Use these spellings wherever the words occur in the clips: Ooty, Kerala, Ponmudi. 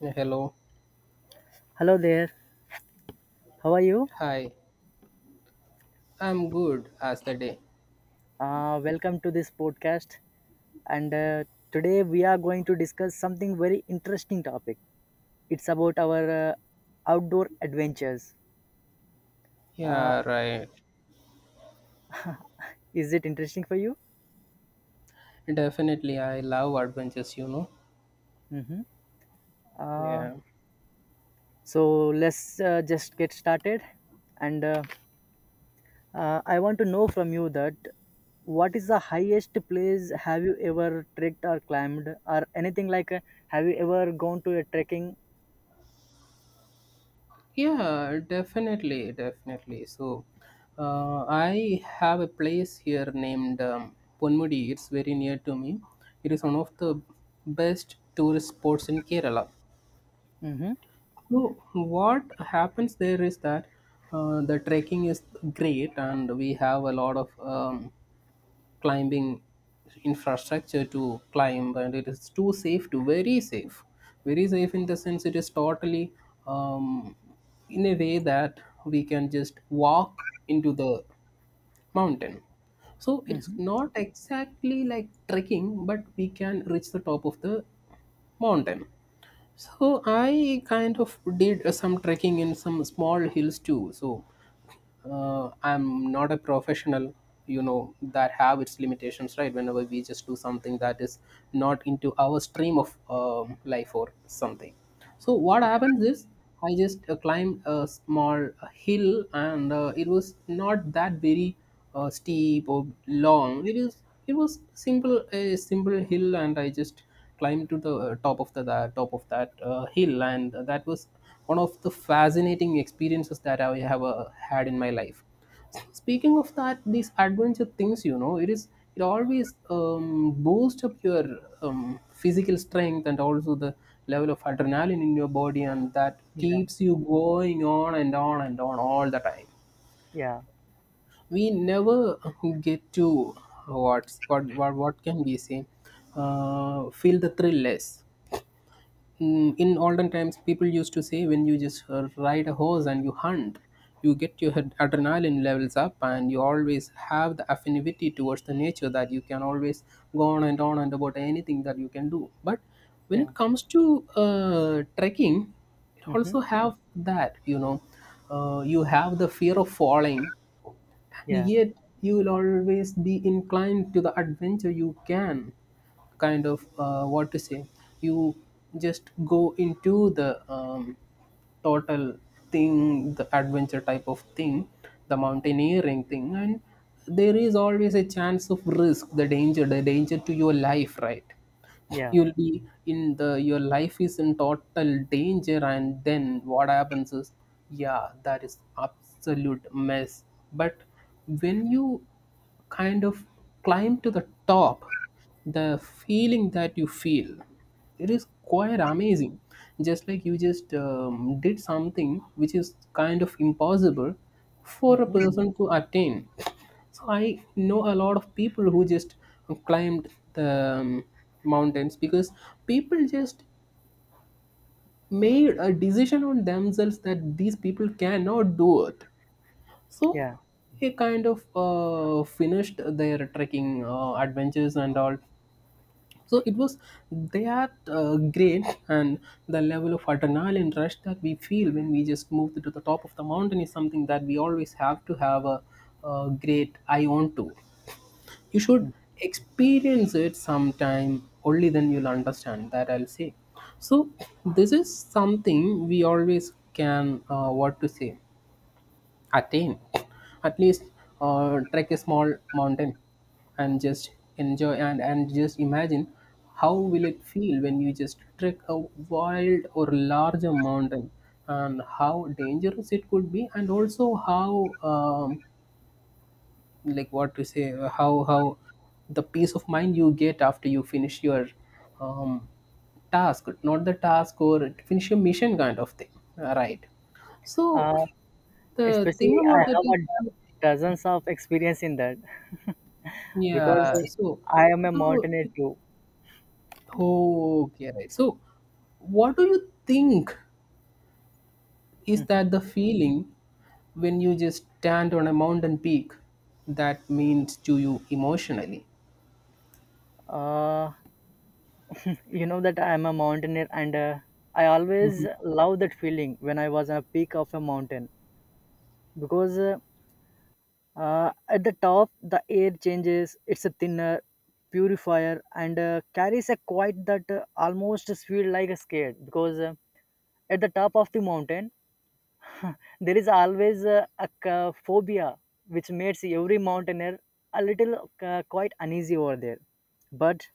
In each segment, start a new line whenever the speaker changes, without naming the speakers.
Yeah, hello.
Hello there. How are you?
Hi. I'm good as the day.
Welcome to this podcast. And today we are going to discuss something very interesting topic. It's about our outdoor adventures. Uh,
Yeah, right.
is it interesting for you?
Definitely, I love adventures.
Mm-hmm. Uh,
Yeah.
so let's just get started. And I want to know from you that what is the highest place have you ever trekked or climbed or anything like? Have you ever gone to a trekking?
Yeah, definitely, definitely. So, I have a place here named Ponmudi. It's very near to me. It is one of the best tourist spots in Kerala.
Mm-hmm.
So, what happens there is that the trekking is great, and we have a lot of climbing infrastructure to climb, and it is too safe to very safe. In the sense, it is totally um, in a way that we can just walk into the mountain, so it is
Mm-hmm.
not exactly like trekking, but we can reach the top of the mountain. So I kind of did some trekking in some small hills too. So I'm not a professional. You know that, have its limitations, right? Whenever we just do something that is not into our stream of life or something, so what happens is, I just climbed a small hill, and it was not that very steep or long. It was simple a simple hill, and I just climbed to the top of that hill, and that was one of the fascinating experiences that I have had in my life. Speaking of that, these adventure things, it always boosts up your physical strength, and also the level of adrenaline in your body, and that
Yeah.
keeps you going on and on and on all the time.
Yeah.
We never get to, what can we say, feel the thrill less. In olden times, people used to say, when you just ride a horse and you hunt, you get your adrenaline levels up, and you always have the affinity towards the nature, that you can always go on and about anything that you can do. But when
Yeah.
it comes to trekking, it
Mm-hmm.
also have that, you have the fear of falling.
Yeah.
Yet you'll always be inclined to the adventure. You can kind of, what to say, you just go into the total thing, the adventure type of thing, the mountaineering thing, and there is always a chance of risk, the danger to your life, right?
Yeah.
You'll be in the, your life is in total danger, and then what happens is, yeah, that is absolute mess. But when you kind of climb to the top, the feeling that you feel, it is quite amazing. Just like you just did something which is kind of impossible for a
Mm-hmm.
person to attain. So I know a lot of people who just climbed the mountains, because people just made a decision on themselves that these people cannot do it. So
Yeah.
they kind of finished their trekking adventures and all. So it was that great. And the level of adrenaline rush that we feel when we just move to the top of the mountain is something that we always have to have a great eye on to. You should
Mm.
experience it sometime, only then you'll understand that, I'll say. So this is something we always can, what to say, attain. At least trek a small mountain and just enjoy, and just imagine how will it feel when you just trek a wild or larger mountain, and how dangerous it could be, and also how like, what to say, how the peace of mind you get after you finish your um, task. Not the task, or finish your mission kind of thing. Right. So
Uh,
the thing
especially, I
about that
have
is
a
that-
dozens of experience in that because
yeah, so
I am a mountaineer too.
oh, okay, right. So what do you think is
Mm-hmm.
that the feeling, when you just stand on a mountain peak, that means to you emotionally?
Uh, you know that I am a mountaineer, and I always love that feeling when I was on a peak of a mountain because at the top the air changes. It's a thinner, purifier, and carries a quiet that almost feels like a scared because at the top of the mountain there is always a, a phobia which makes every mountaineer a little quite uneasy over there. But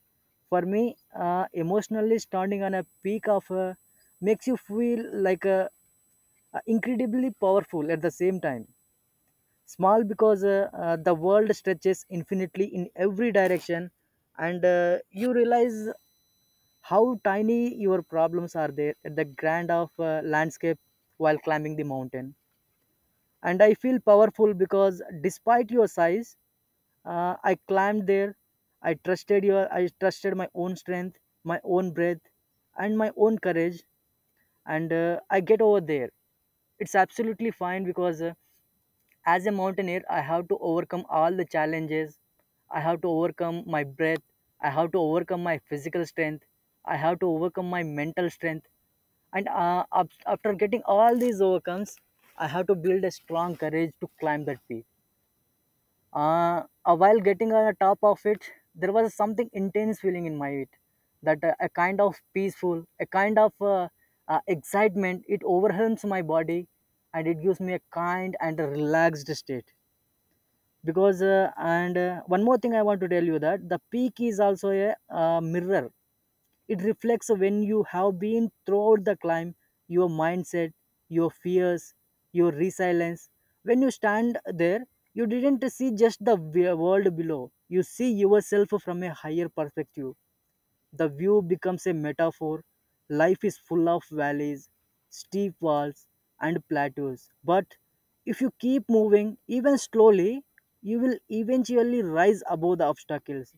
for me, emotionally standing on a peak of a, makes you feel like a, incredibly powerful at the same time. Small because the world stretches infinitely in every direction, and you realize how tiny your problems are there at the grand of landscape while climbing the mountain, and I feel powerful because despite your size, I climbed there. I trusted my own strength, my own breath, and my own courage, and I get over there. It's absolutely fine because as a mountaineer, I have to overcome all the challenges. I have to overcome my breath. I have to overcome my physical strength. I have to overcome my mental strength. And after getting all these overcomes, I have to build a strong courage to climb that peak. While getting on the top of it, there was something intense feeling in my it that a kind of peaceful, a kind of excitement. It overwhelms my body, and it gives me a kind and a relaxed state because and one more thing I want to tell you that the peak is also a mirror. It reflects when you have been throughout the climb, your mindset, your fears, your resilience. When you stand there, you didn't see just the world below, you see yourself from a higher perspective. The view becomes a metaphor. Life is full of valleys, steep walls, and plateaus. But if you keep moving, even slowly, you will eventually rise above the obstacles.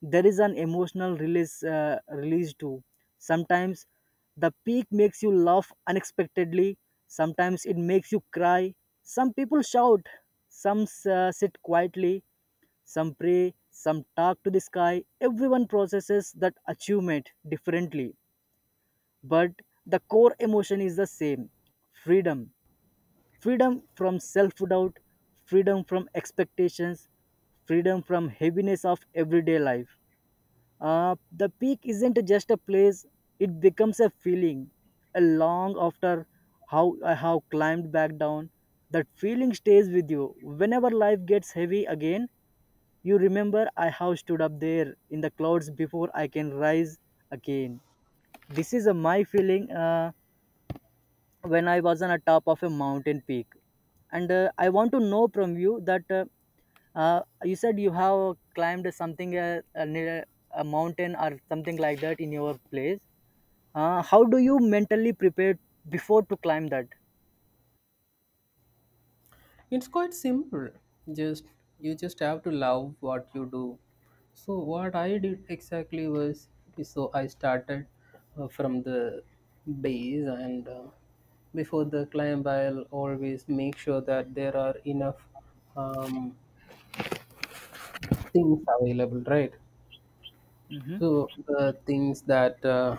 There is an emotional release, release too. Sometimes the peak makes you laugh unexpectedly, sometimes it makes you cry. Some people shout, some sit quietly, some pray, some talk to the sky. Everyone processes that achievement differently, but the core emotion is the same: freedom. Freedom from self doubt, freedom from expectations, freedom from heaviness of everyday life. The peak isn't just a place, it becomes a feeling. A long after how I have climbed back down, that feeling stays with you. Whenever life gets heavy again, you remember I have stood up there in the clouds before I can rise again. This is my feeling when I was on a top of a mountain peak. And I want to know from you that you said you have climbed something near a mountain or something like that in your place. How do you mentally prepare before to climb that?
It's quite simple. Just, you just have to love what you do. So what I did exactly was, okay, so I started from the base, and before the climb, I'll always make sure that there are enough um, things available, right?
Mm-hmm.
So the things that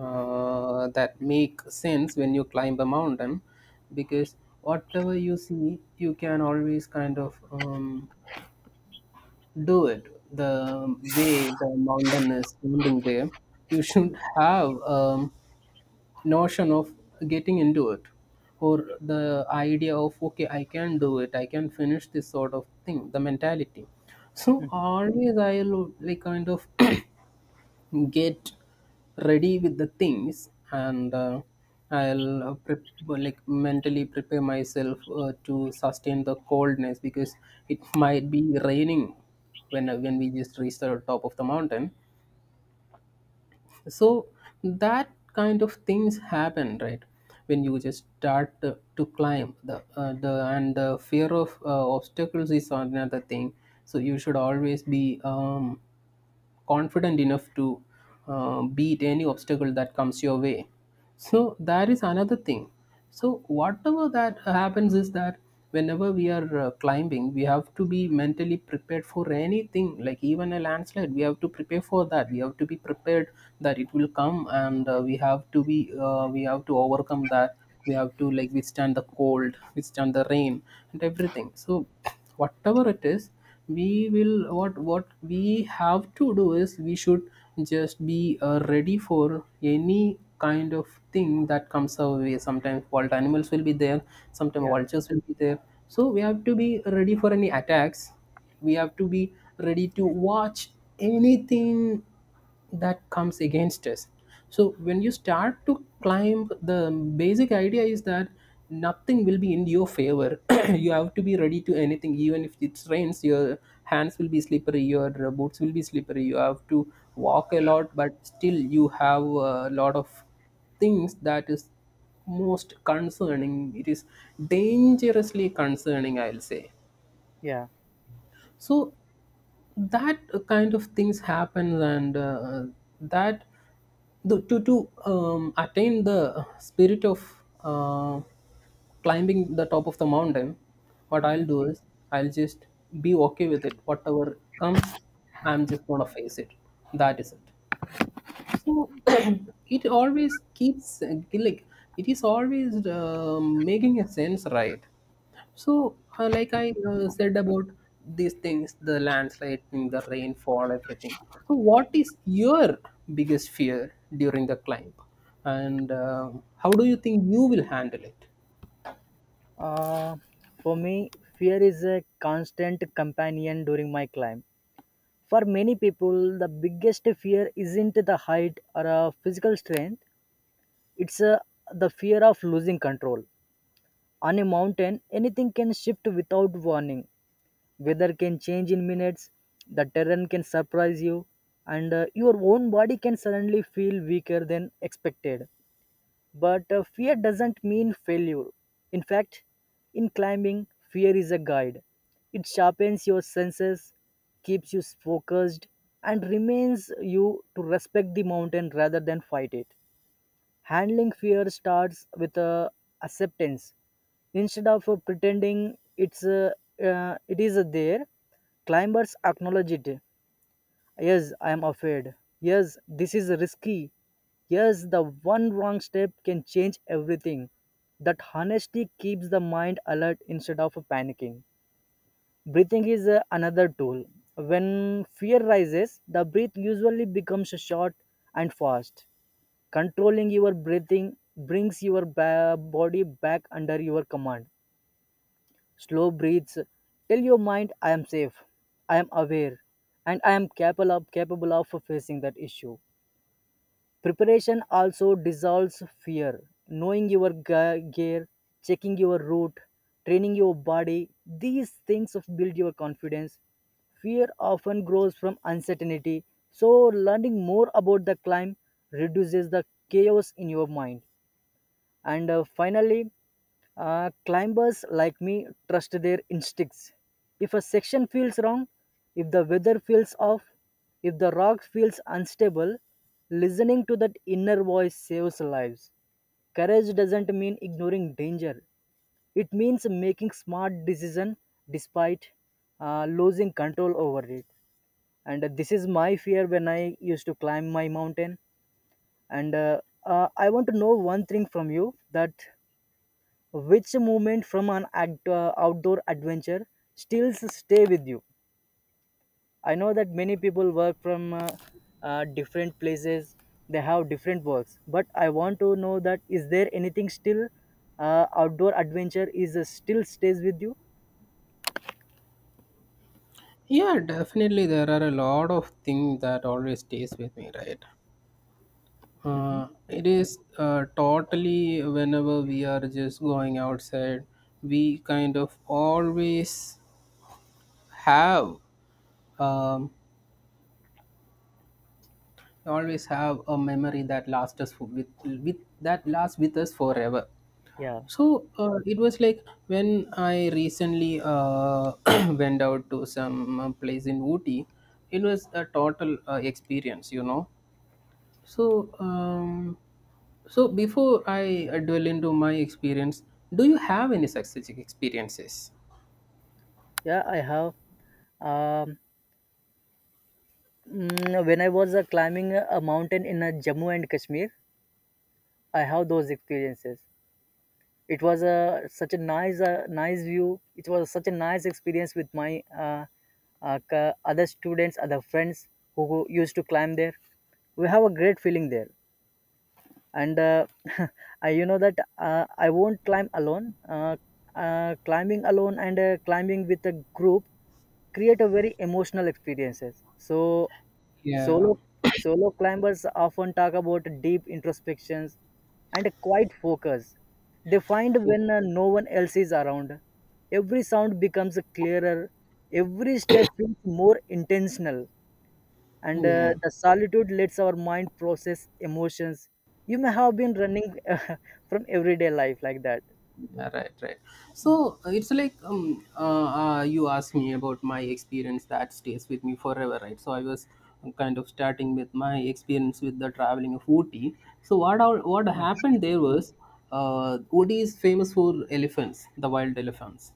that make sense when you climb a mountain, because whatever you see, you can always kind of do it. The way the mountain is standing there, you should have a notion of getting into it, or the idea of, okay, I can do it, I can finish this sort of thing, the mentality. So always I'll like kind of get ready with the things, and I'll like, mentally prepare myself to sustain the coldness, because it might be raining when, when we just reach the top of the mountain. So that kind of things happen, right? When you just start to climb the, and the fear of obstacles is another thing. So you should always be confident enough to beat any obstacle that comes your way. So that is another thing. So whatever that happens is that, whenever we are climbing, we have to be mentally prepared for anything, like even a landslide, we have to prepare for that, we have to be prepared that it will come, and we have to be, we have to overcome that, we have to like withstand the cold, withstand the rain, and everything. So whatever it is, we will, what we have to do is, we should just be ready for any kind of thing that comes our way. Sometimes wild animals will be there, sometimes
Yeah.
vultures will be there. So we have to be ready for any attacks, we have to be ready to watch anything that comes against us. So when you start to climb, the basic idea is that nothing will be in your favor. You have to be ready to anything, even if it rains, your hands will be slippery, your boots will be slippery, you have to walk a lot, but still you have a lot of things that is most concerning, it is dangerously concerning, I'll say.
Yeah.
So that kind of things happen, and that, to attain the spirit of climbing the top of the mountain, what
Mm-hmm.
I'll do is, I'll just be okay with it, whatever comes, I'm just gonna face it, that is it. So it always keeps, like, it is always making a sense, right? So, like, I said about these things, the landslide, the rainfall, everything. So, what is your biggest fear during the climb, and how do you think you will handle it?
Uh, for me, fear is a constant companion during my climb. For many people, the biggest fear isn't the height or physical strength, it's the fear of losing control. On a mountain, anything can shift without warning. Weather can change in minutes, the terrain can surprise you, and your own body can suddenly feel weaker than expected. But fear doesn't mean failure. In fact, in climbing, fear is a guide. It sharpens your senses, keeps you focused, and reminds you to respect the mountain rather than fight it. Handling fear starts with acceptance. Instead of pretending it is there, climbers acknowledge it. Yes, I am afraid. Yes, this is risky. Yes, the one wrong step can change everything. That honesty keeps the mind alert instead of panicking. Breathing is another tool. When fear rises, the breath usually becomes short and fast. Controlling your breathing brings your body back under your command. Slow breaths tell your mind I am safe, I am aware, and I am capable of facing that issue. Preparation also dissolves fear. Knowing your gear, checking your route, training your body, these things of build your confidence. Fear often grows from uncertainty, so learning more about the climb reduces the chaos in your mind. And finally, climbers like me trust their instincts. If a section feels wrong, if the weather feels off, if the rock feels unstable, listening to that inner voice saves lives. Courage doesn't mean ignoring danger. It means making smart decision despite losing control over it. And this is my fear when I used to climb my mountain. And I want to know one thing from you that which moment from an outdoor adventure still stay with you? I know that many people work from different places, they have different works, but I want to know that is there anything still outdoor adventure is still stays with you?
Yeah, definitely there are a lot of things that always stays with me, right?
Mhm.
It is totally, whenever we are just going outside, we kind of always have um, we always have a memory that lasts us with that lasts with us forever.
Yeah,
So it was like, when I recently went out to some place in Ooty, it was a total experience you know so um, so before I dwell into my experience, do you have any such experiences?
yeah, I have. Um, mm, when I was climbing a mountain in Jammu and Kashmir, I have those experiences. It was a such a nice nice view. It was such a nice experience with my other students, other friends who used to climb there. We have a great feeling there, and I, you know that I won't climb alone. Climbing alone and climbing with a group create a very emotional experiences. So
Yeah.
solo solo climbers often talk about deep introspections and a quiet focus. They find when no one else is around, every sound becomes clearer, every step feels more intentional, and
Yeah.
the solitude lets our mind process emotions you may have been running from everyday life like that.
Yeah, right, right. So it's like, you asked me about my experience that stays with me forever, right? So I was kind of starting with my experience with the traveling of Ooty. So what happened there was, Ooty is famous for elephants, the wild elephants.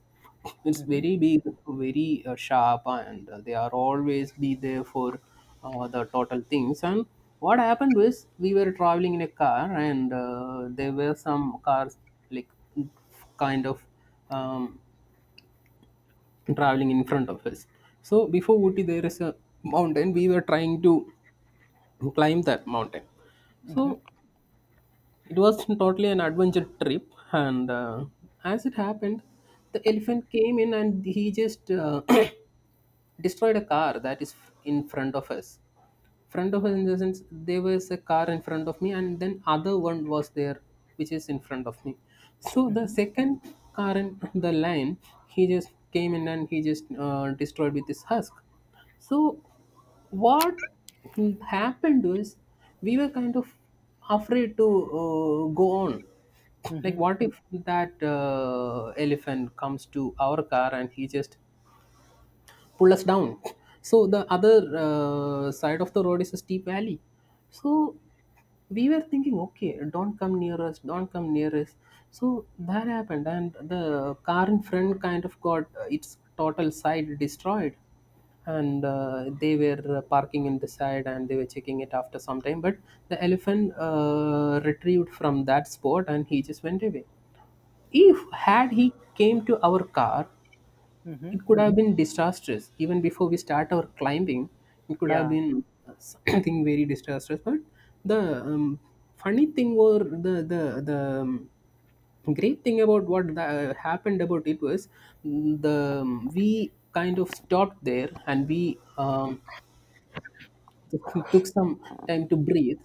It's
Mm-hmm.
very big, very sharp, and they are always be there for the total things. And what happened was, we were traveling in a car, and there were some cars like kind of um, traveling in front of us. So before Ooty, there is a mountain. We were trying to climb that mountain. So it was totally an adventure trip. And as it happened, the elephant came in and he just destroyed a car that is in front of us. Front of us in the sense, there was a car in front of me, and then other one was there which is in front of me. So the
Mm-hmm.
second car in the line, he just came in and he just destroyed with his husk. So what happened was, we were kind of afraid to go on, like,
Mm-hmm.
what if that elephant comes to our car and he just pull us down. So the other side of the road is a steep valley. So we were thinking, okay, don't come near us, don't come near us. So that happened, and the car in front kind of got its total side destroyed, and they were parking in the side and they were checking it after some time. But the elephant retrieved from that spot and he just went away. If had he came to our car,
Mm-hmm.
it could have been disastrous even before we start our climbing. It could have
Yeah.
been uh, something very disastrous. But the um, funny thing or the great thing about what happened about it was, mm, the we kind of stopped there and we um, took some time to breathe,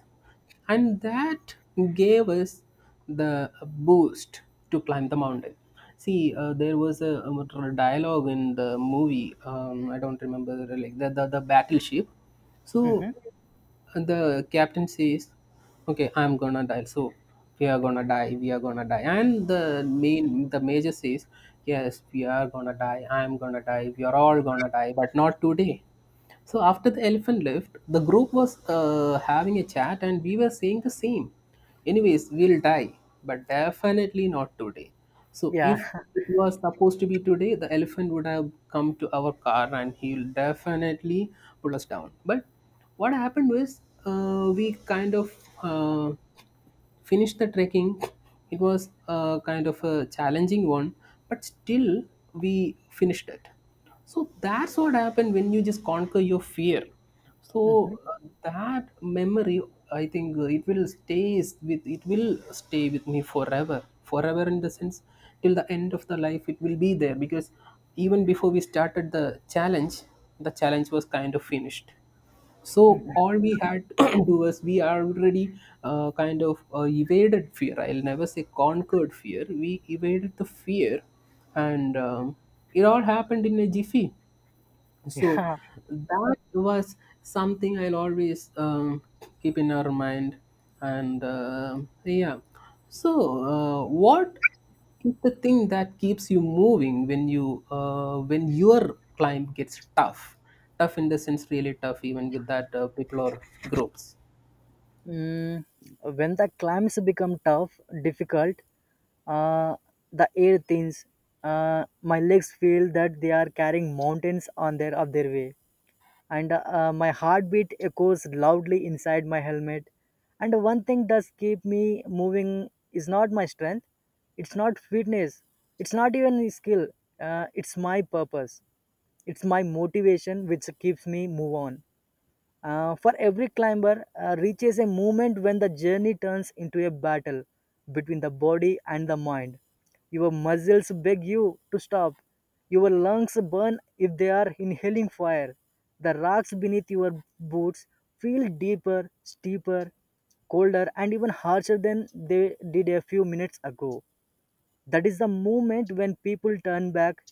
and that gave us the boost to climb the mountain. See, there was a, dialogue in the movie. I don't remember like the battleship. So
Mm-hmm.
the captain says, "Okay, I'm gonna die. So we are gonna die. We are gonna die." And the major says, "Yes, we are gonna die. I'm gonna die. We are all gonna die, but not today." So after the elephant left, the group was having a chat and we were saying the same. Anyways, we'll die, but definitely not today. So
Yeah.
if it was supposed to be today, the elephant would have come to our car and he'll definitely put us down. But what happened was, we kind of uh, finished the trekking. It was a kind of a challenging one, but still we finished it. So that's what happened when you just conquer your fear.
Mm-hmm.
So that memory, I think it will stay with me forever. Forever in the sense till the end of the life it will be there, because even before we started the challenge was kind of finished. So
Mm-hmm.
all we had to do is we are already kind of evaded fear. I'll never say conquered fear. We evaded the fear, and it all happened in a jiffy. So
Yeah.
that was something I'll always keep in our mind, and yeah. So what is the thing that keeps you moving when you when your climb gets tough? Tough in the sense really tough, even with that people or groups.
Mm, when the climbs become tough, difficult, uh, the air thins. My legs feel that they are carrying mountains on their of their way, and my heartbeat echoes loudly inside my helmet. And one thing does keep me moving is not my strength, it's not fitness, it's not even skill. It's my purpose. It's my motivation which keeps me move on. For every climber, reaches a moment when the journey turns into a battle between the body and the mind. Your muscles beg you to stop. Your lungs burn if they are inhaling fire. The rocks beneath your boots feel deeper, steeper, colder, and even harsher than they did a few minutes ago. That is the moment when people turn back,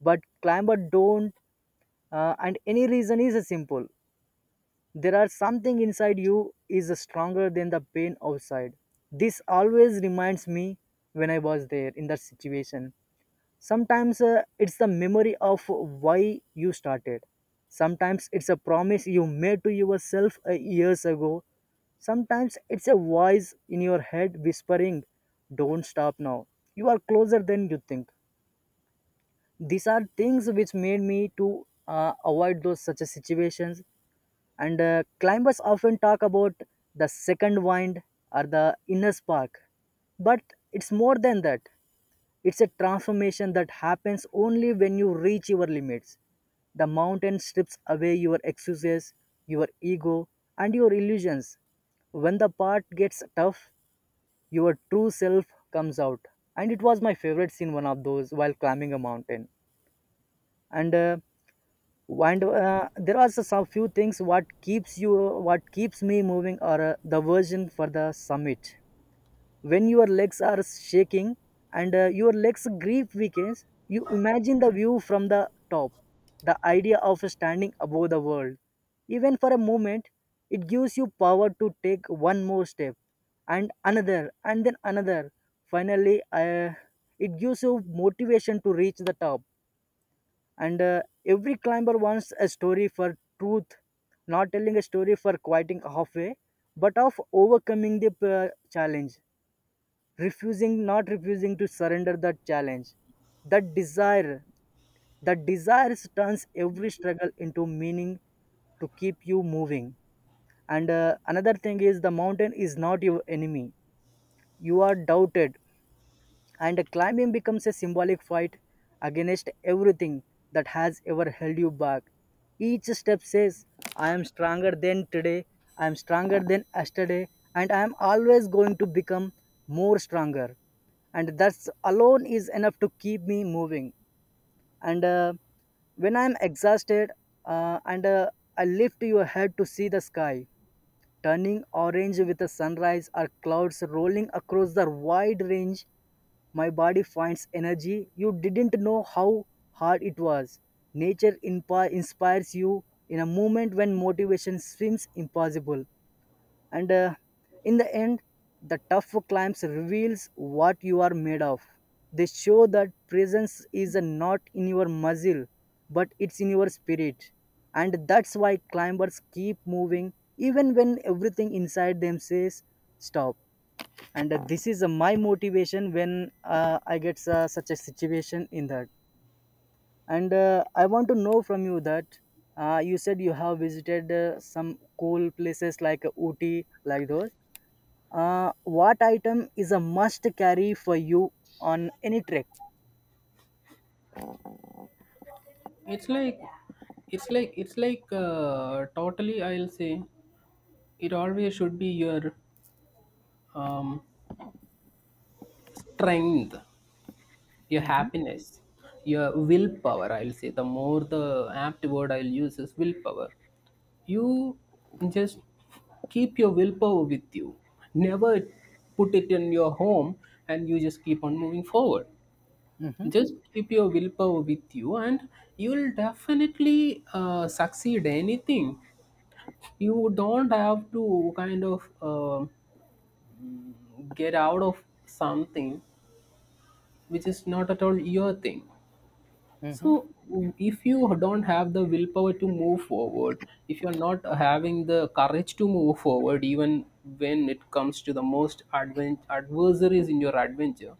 but climber don't, and any reason is simple: there are something inside you is stronger than the pain outside. This always reminds me when I was there in that situation. Sometimes it's the memory of why you started. Sometimes it's a promise you made to yourself years ago. Sometimes it's a voice in your head whispering, Don't stop now. You are closer than you think. These are things which made me to avoid those such a situations, and climbers often talk about the second wind or the inner spark. But it's more than that. It's a transformation that happens only when you reach your limits. The mountain strips away your excuses, your ego, and your illusions. When the part gets tough, your true self comes out. And it was my favorite scene, one of those, while climbing a mountain. And uh, and there are some few things what keeps you what keeps me moving or the version for the summit when your legs are shaking and your legs grip weakens. You imagine the view from the top, the idea of standing above the world even for a moment. It gives you power to take one more step and another and then another. Finally, it gives you motivation to reach the top. And every climber wants a story for truth, not telling a story for quieting halfway but of overcoming the challenge, refusing not refusing to surrender that challenge. That desire that desire turns every struggle into meaning to keep you moving. And another thing is the mountain is not your enemy, you are doubted. And climbing becomes a symbolic fight against everything that has ever held you back. Each step says, I am stronger than today, I am stronger than yesterday, and I am always going to become more stronger. And that alone is enough to keep me moving. And when I am exhausted and I lift your head to see the sky, turning orange with the sunrise or clouds rolling across the wide range, my body finds energy. You didn't know how hard it was. Nature inspires you in a moment when motivation seems impossible. And in the end, the tough climbs reveals what you are made of. They show that presence is not in your muscle, but it's in your spirit. And that's why climbers keep moving even when everything inside them says stop. And this is my motivation when I get such a situation in that. And I want to know from you that you said you have visited some cool places like Ooty, like those. What item is a must carry for you on any trek?
it's like it's like totally, I'll say it always should be your um, strength, your happiness, your willpower. I'll say the more the apt word I'll use is willpower. You just keep your willpower with you. Never put it in your home and you just keep on moving forward.
Mm-hmm.
Just keep your willpower with you and you'll definitely succeed anything. You don't have to kind of get out of something which is not at all your thing.
Mm-hmm.
So, if you don't have the willpower to move forward, if you're not having the courage to move forward, even when it comes to the most advent adversaries in your adventure,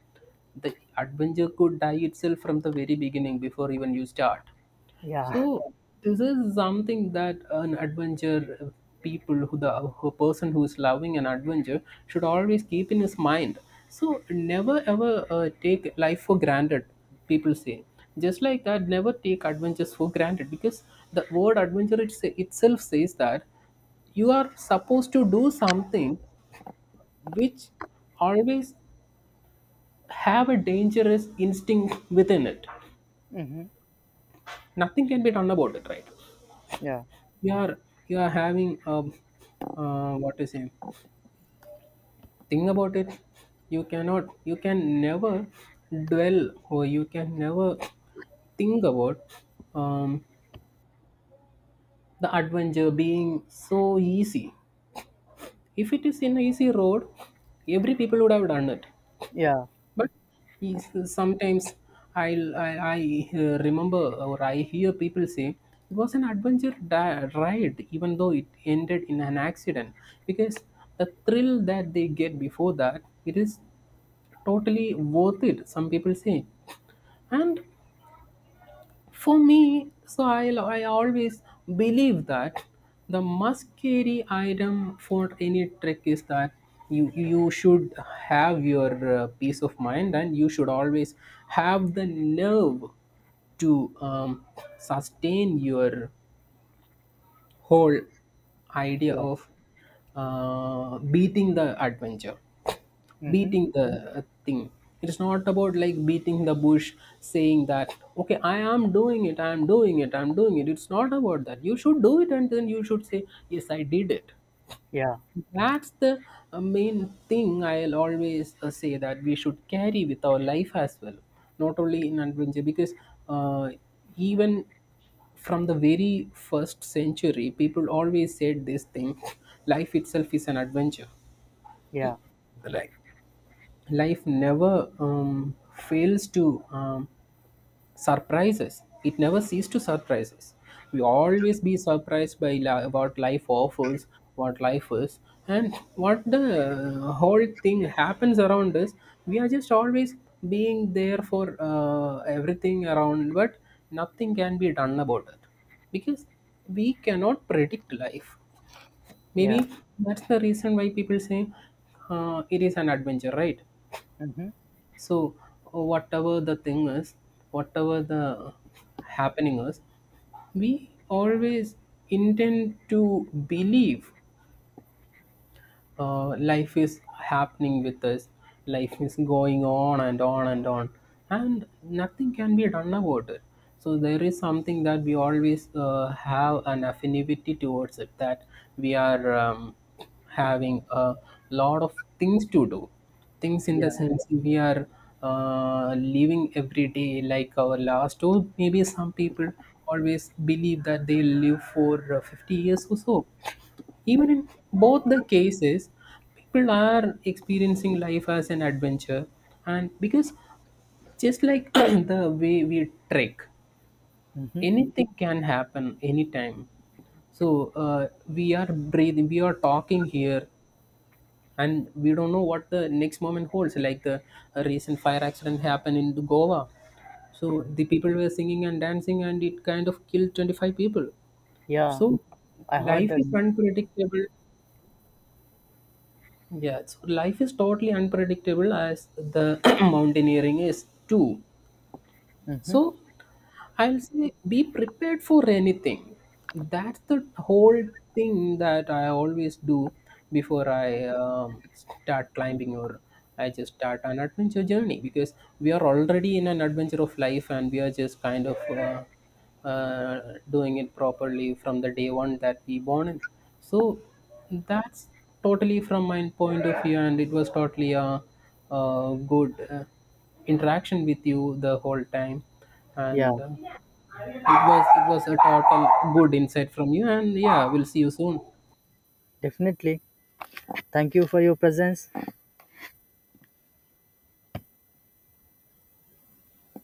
the adventure could die itself from the very beginning, before even you start.
Yeah.
So this is something that an adventure, people who the who person who is loving an adventure should always keep in his mind. So never ever take life for granted. People say just like that. Never take adventures for granted, because the word adventure, itself says that you are supposed to do something which always have a dangerous instinct within it.
Mm-hmm.
Nothing can be done about it, right?
Yeah.
You are, having what to say, think about it. You can never dwell, or you can never think about um, the adventure being so easy. If it is an easy road, every people would have done it.
Yeah.
But sometimes I'll, I I remember, or I hear people say it was an adventure ride, even though it ended in an accident, because the thrill that they get before that, it is totally worth it, some people say. And for me, so I always believe that the must carry item for any trek is that you should have your peace of mind, and you should always have the nerve to sustain your whole idea
Yeah.
of beating the adventure,
Mm-hmm.
beating the thing. It is not about like beating the bush, saying that, okay, I am doing it, I am doing it, I'm doing it. It's not about that. You should do it and then you should say, yes, I did it.
Yeah.
That's the main thing I'll always say that we should carry with our life as well, not only in adventure, because uh, even from the very first century, people always said this thing. Life itself is an adventure.
Yeah.
Like life never fails to surprise us. It never ceases to surprise us. We always be surprised by what life offers, what life is, and what the whole thing happens around us. We are just always being there for everything around, but nothing can be done about it, because we cannot predict life.
Yeah.
Maybe that's the reason why people say it is an adventure, right?
Mm-hmm.
So, whatever the thing is, whatever the happening is, we always intend to believe life is happening with us. Life is going on and on and on, and nothing can be done about it. So there is something that we always have an affinity towards it, that we are having a lot of things to do. Things in the
Yeah.
sense, we are living every day like our last, or maybe some people always believe that they live for 50 years or so. Even in both the cases, people are experiencing life as an adventure, and because just like the way we trek,
Mm-hmm.
anything can happen anytime. So we are breathing, we are talking here, and we don't know what the next moment holds. Like the recent fire accident happened in Goa, so the people were singing and dancing, and it kind of killed 25 people.
Yeah.
So
I heard
life
that.
is unpredictable. Yeah, so life is totally unpredictable, as the mountaineering is too.
Mm-hmm.
So I'll say be prepared for anything. That's the whole thing that I always do before I start climbing, or I just start an adventure journey, because we are already in an adventure of life and we are just kind of doing it properly from the day one that we born in. So that's totally from my point of view, and it was totally a good interaction with you the whole time,
Yeah.
and it was a total good insight from you, and yeah, we'll see you soon.
Definitely. Thank you for your presence.